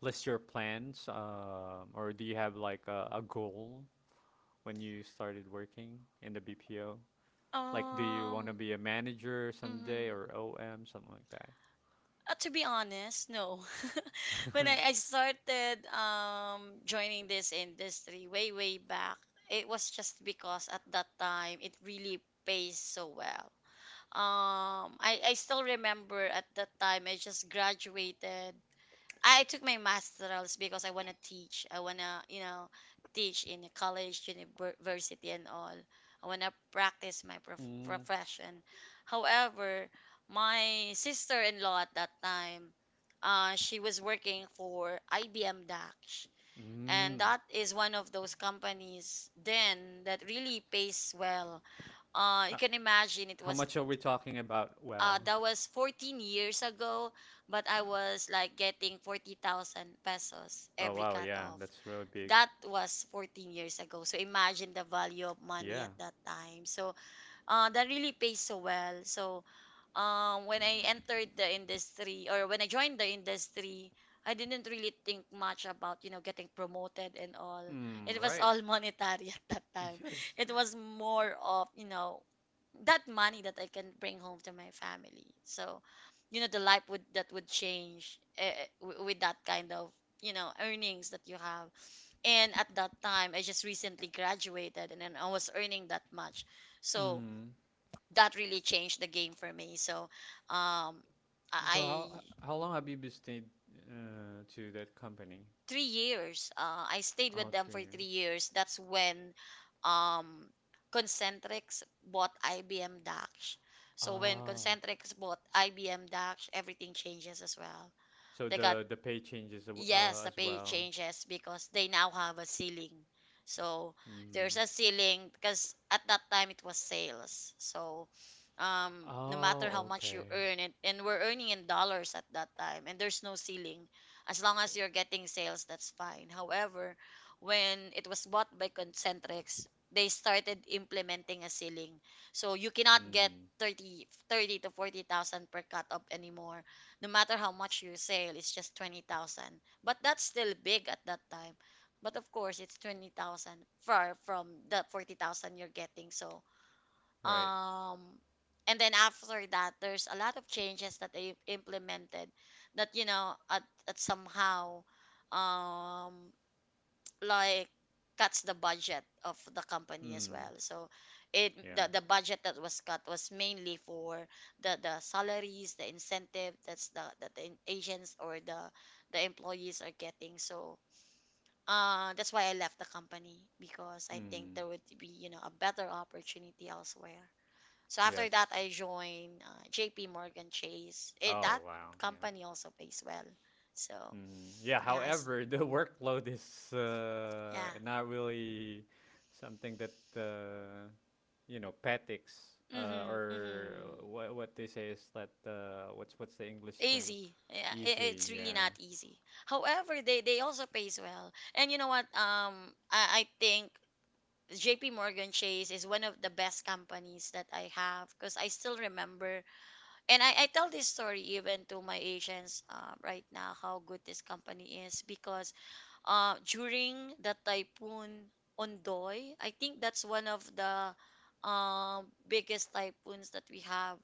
list your plans, or do you have like a goal when you started working in the BPO? Like, do you want to
Um.
be a manager someday
Mhm.
or OM, something like
To be honest, no. when
that?
I, I started joining this industry way, way back, it was just because at that time it really pays so well. I still remember at that time I just graduated. I took my masterals because I want to teach. I want to, you know, teach in a college, university, and all. I want to practice my
mm.
profession. However, my sister-in-law at that time, she was working for IBM DAX, and
Mm.
that is one of those companies then that really pays well. You
Uh,
can imagine it
how
was
much are we talking about? Well,
that was 14 years ago, but I was like getting 40,000 pesos
oh
every
wow,
cut
yeah,
off.
that's really big.
That was 14 years ago. So imagine the value of money
Yeah.
at that time. So that really pays so well. So, when I entered the industry or when I joined the industry, I didn't really think much about, you know, getting promoted and all.
Mm,
It was
right.
all monetary at that time.
Yes.
It was more of, you know, that money that I can bring home to my family. So, the life would change with that kind of, you know, earnings that you have. And at that time, I just recently graduated and then I was earning that much. So,
Mm.
that really changed the game for me. So um,
So
I
how long have you been stayed to that company?
3 years, I stayed with
Oh,
them
three
for three
years.
years. That's when um, Concentrix bought IBM Dax. So when
Oh,
Concentrix bought IBM Dax, everything changes as well.
so
They got
the pay changes a-
Yes, the
as
pay
well.
changes because they now have a ceiling. So there's
Mm.
a ceiling because at that time it was sales. So, no matter how
Oh,
much you
okay.
earn it, and we're earning in dollars at that time, and there's no ceiling. As long as you're getting sales, that's fine. However, when it was bought by Concentrix, they started implementing a ceiling. So you cannot get
Mm.
30, 30 to 40,000 per cut up anymore, no matter how much you sell. It's just 20,000, but that's still big at that time, but of course it's 20,000, far from the 40,000 you're getting. So,
Right.
um and then after that, there's a lot of changes that they implemented that at somehow, um like, cuts the budget of the company as
Mm.
well. So it
Yeah.
the, the budget that was cut was mainly for the salaries, the incentive, that the agents or the employees are getting. So, that's why I left the company because I think
Mm.
there would be, you know, a better opportunity elsewhere. So after
Yes.
that, I joined JP Morgan Chase. It that
Oh, wow. Yeah.
company also pays well. So
Mm. Yeah.
yeah, I s
However, the workload is
yeah,
not really something that you know petics
mm-hmm,
or
mm-hmm.
what they say is that what's the English term?
Easy. Yeah, it,
Easy,
it's really
yeah.
not easy. However, they also pays well. And you know what? I think JP Morgan Chase is one of the best companies that I have because I still remember, and I tell this story even to my agents right now, how good this company is because during the typhoon Ondoy, I think that's one of the biggest typhoons that we have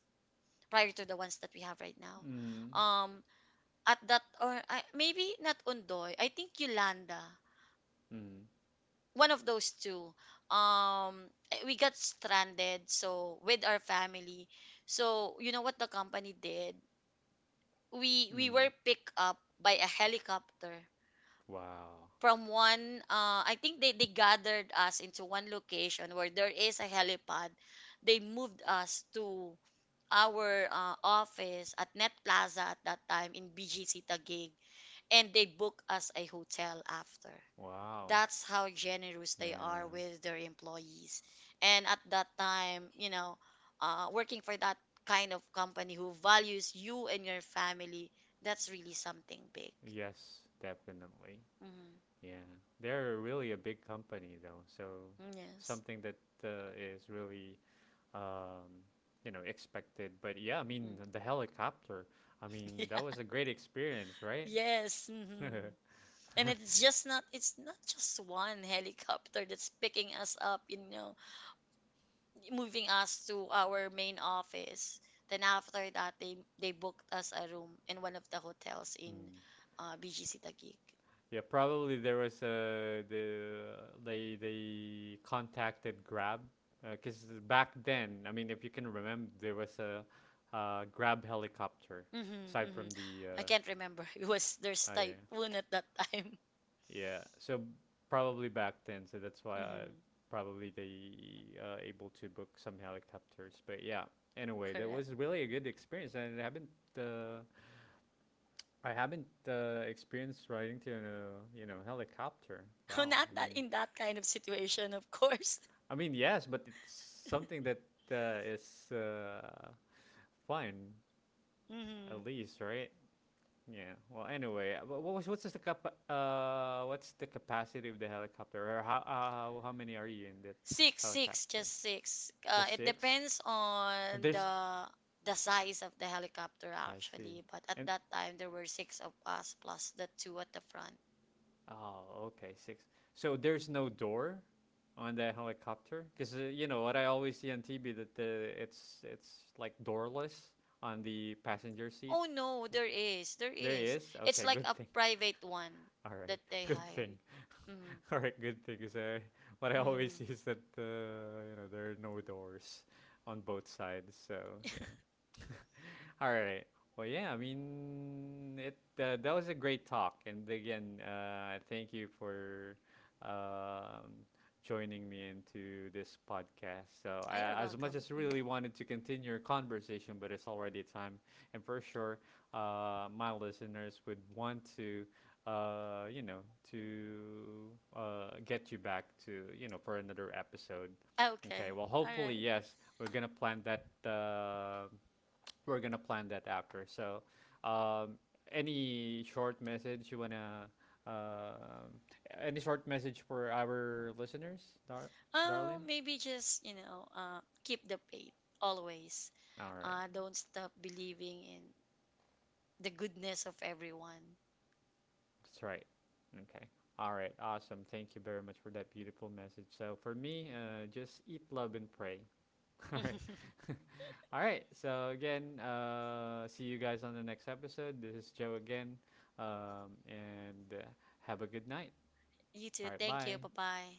prior to the ones that we have right now.
Mm,
Um, at that or I maybe not Ondoy, I think Yolanda,
mm,
one of those two. We got stranded, so, with our family. So you know what the company did? We were
mm.
picked up by a helicopter.
Wow,
From one I think they gathered us into one location where there is a helipad. They moved us to our office at Net Plaza at that time in BGC Taguig, and they booked us a hotel after.
wow,
That's how generous they are
yeah,
with their employees. And at that time, working for that kind of company who values you and your family, that's really something big.
yes, definitely,
Mm-hmm.
yeah. They're really a big company though, so
Yes.
something that is really um, you know expected. But yeah, I mean
Mm-hmm.
the helicopter. I mean that
Yeah.
was a great experience, right?
Yes. Hmm. And it's not just one helicopter that's picking us up. Moving us to our main office. Then after that, they booked us a room in one of the hotels in
Mm.
BGC Taguig.
Yeah, probably there was a the they contacted Grab because back then, I mean, if you can remember, there was a Grab helicopter
Mm-hmm,
aside
mm-hmm.
from the
I can't remember. It was there's
yeah
typhoon at that time.
yeah. So probably back then, so that's why I,
Mm-hmm,
probably they able to book some helicopters. But yeah, anyway, that
correct.
was really a good experience, and uh, I haven't experienced riding to a you know helicopter.
Oh,
Wow,
not that in that kind of situation, of course.
I mean, yes, but it's something that is fun,
Mm-hmm.
at least, right? Yeah. Well, anyway, what was what's the cap- what's the capacity of the helicopter? Or how many are you in that
Six, six,
helicopter?
just six.
Just
It
six?
depends
And
on
there's
the the size of the helicopter,
I see.
actually, but at
And
that time there were six of us plus the two at the front.
oh, okay, six. So there's no door on the helicopter because you know what I always see on TV that the it's like doorless on the passenger seat.
Oh no, there is, there
There he
is.
is?
It's
Okay,
like
good
a
thing.
private one
All right.
that they
Good thing.
hired. Mm,
All right, good thing. Because what I always
mm.
see is that you know there are no doors on both sides. So yeah. All right. Well, yeah. I mean, it that was a great talk, and again, thank you for um, joining me into this podcast. So,
Ah, you're
I, as much
welcome.
as
Mm.
really wanted to continue our conversation, but it's already time, and for sure, my listeners would want to, you know, to get you back to, you know, for another episode.
Ah,
Okay.
okay,
Well,
all
hopefully,
right.
yes, we're gonna plan that. We're gonna plan that after. So, um, any short message you wanna, um, any short message for our listeners, Dar-
Oh,
darling?
maybe just keep the faith always.
All right,
Don't stop believing in the goodness of everyone.
that's right. Okay. All right, awesome. Thank you very much for that beautiful message. So for me, just eat, love, and pray. All right. All right. So again, see you guys on the next episode. This is Joe again, and have a good night.
You too.
All right.
Thank you.
Bye.
Bye bye.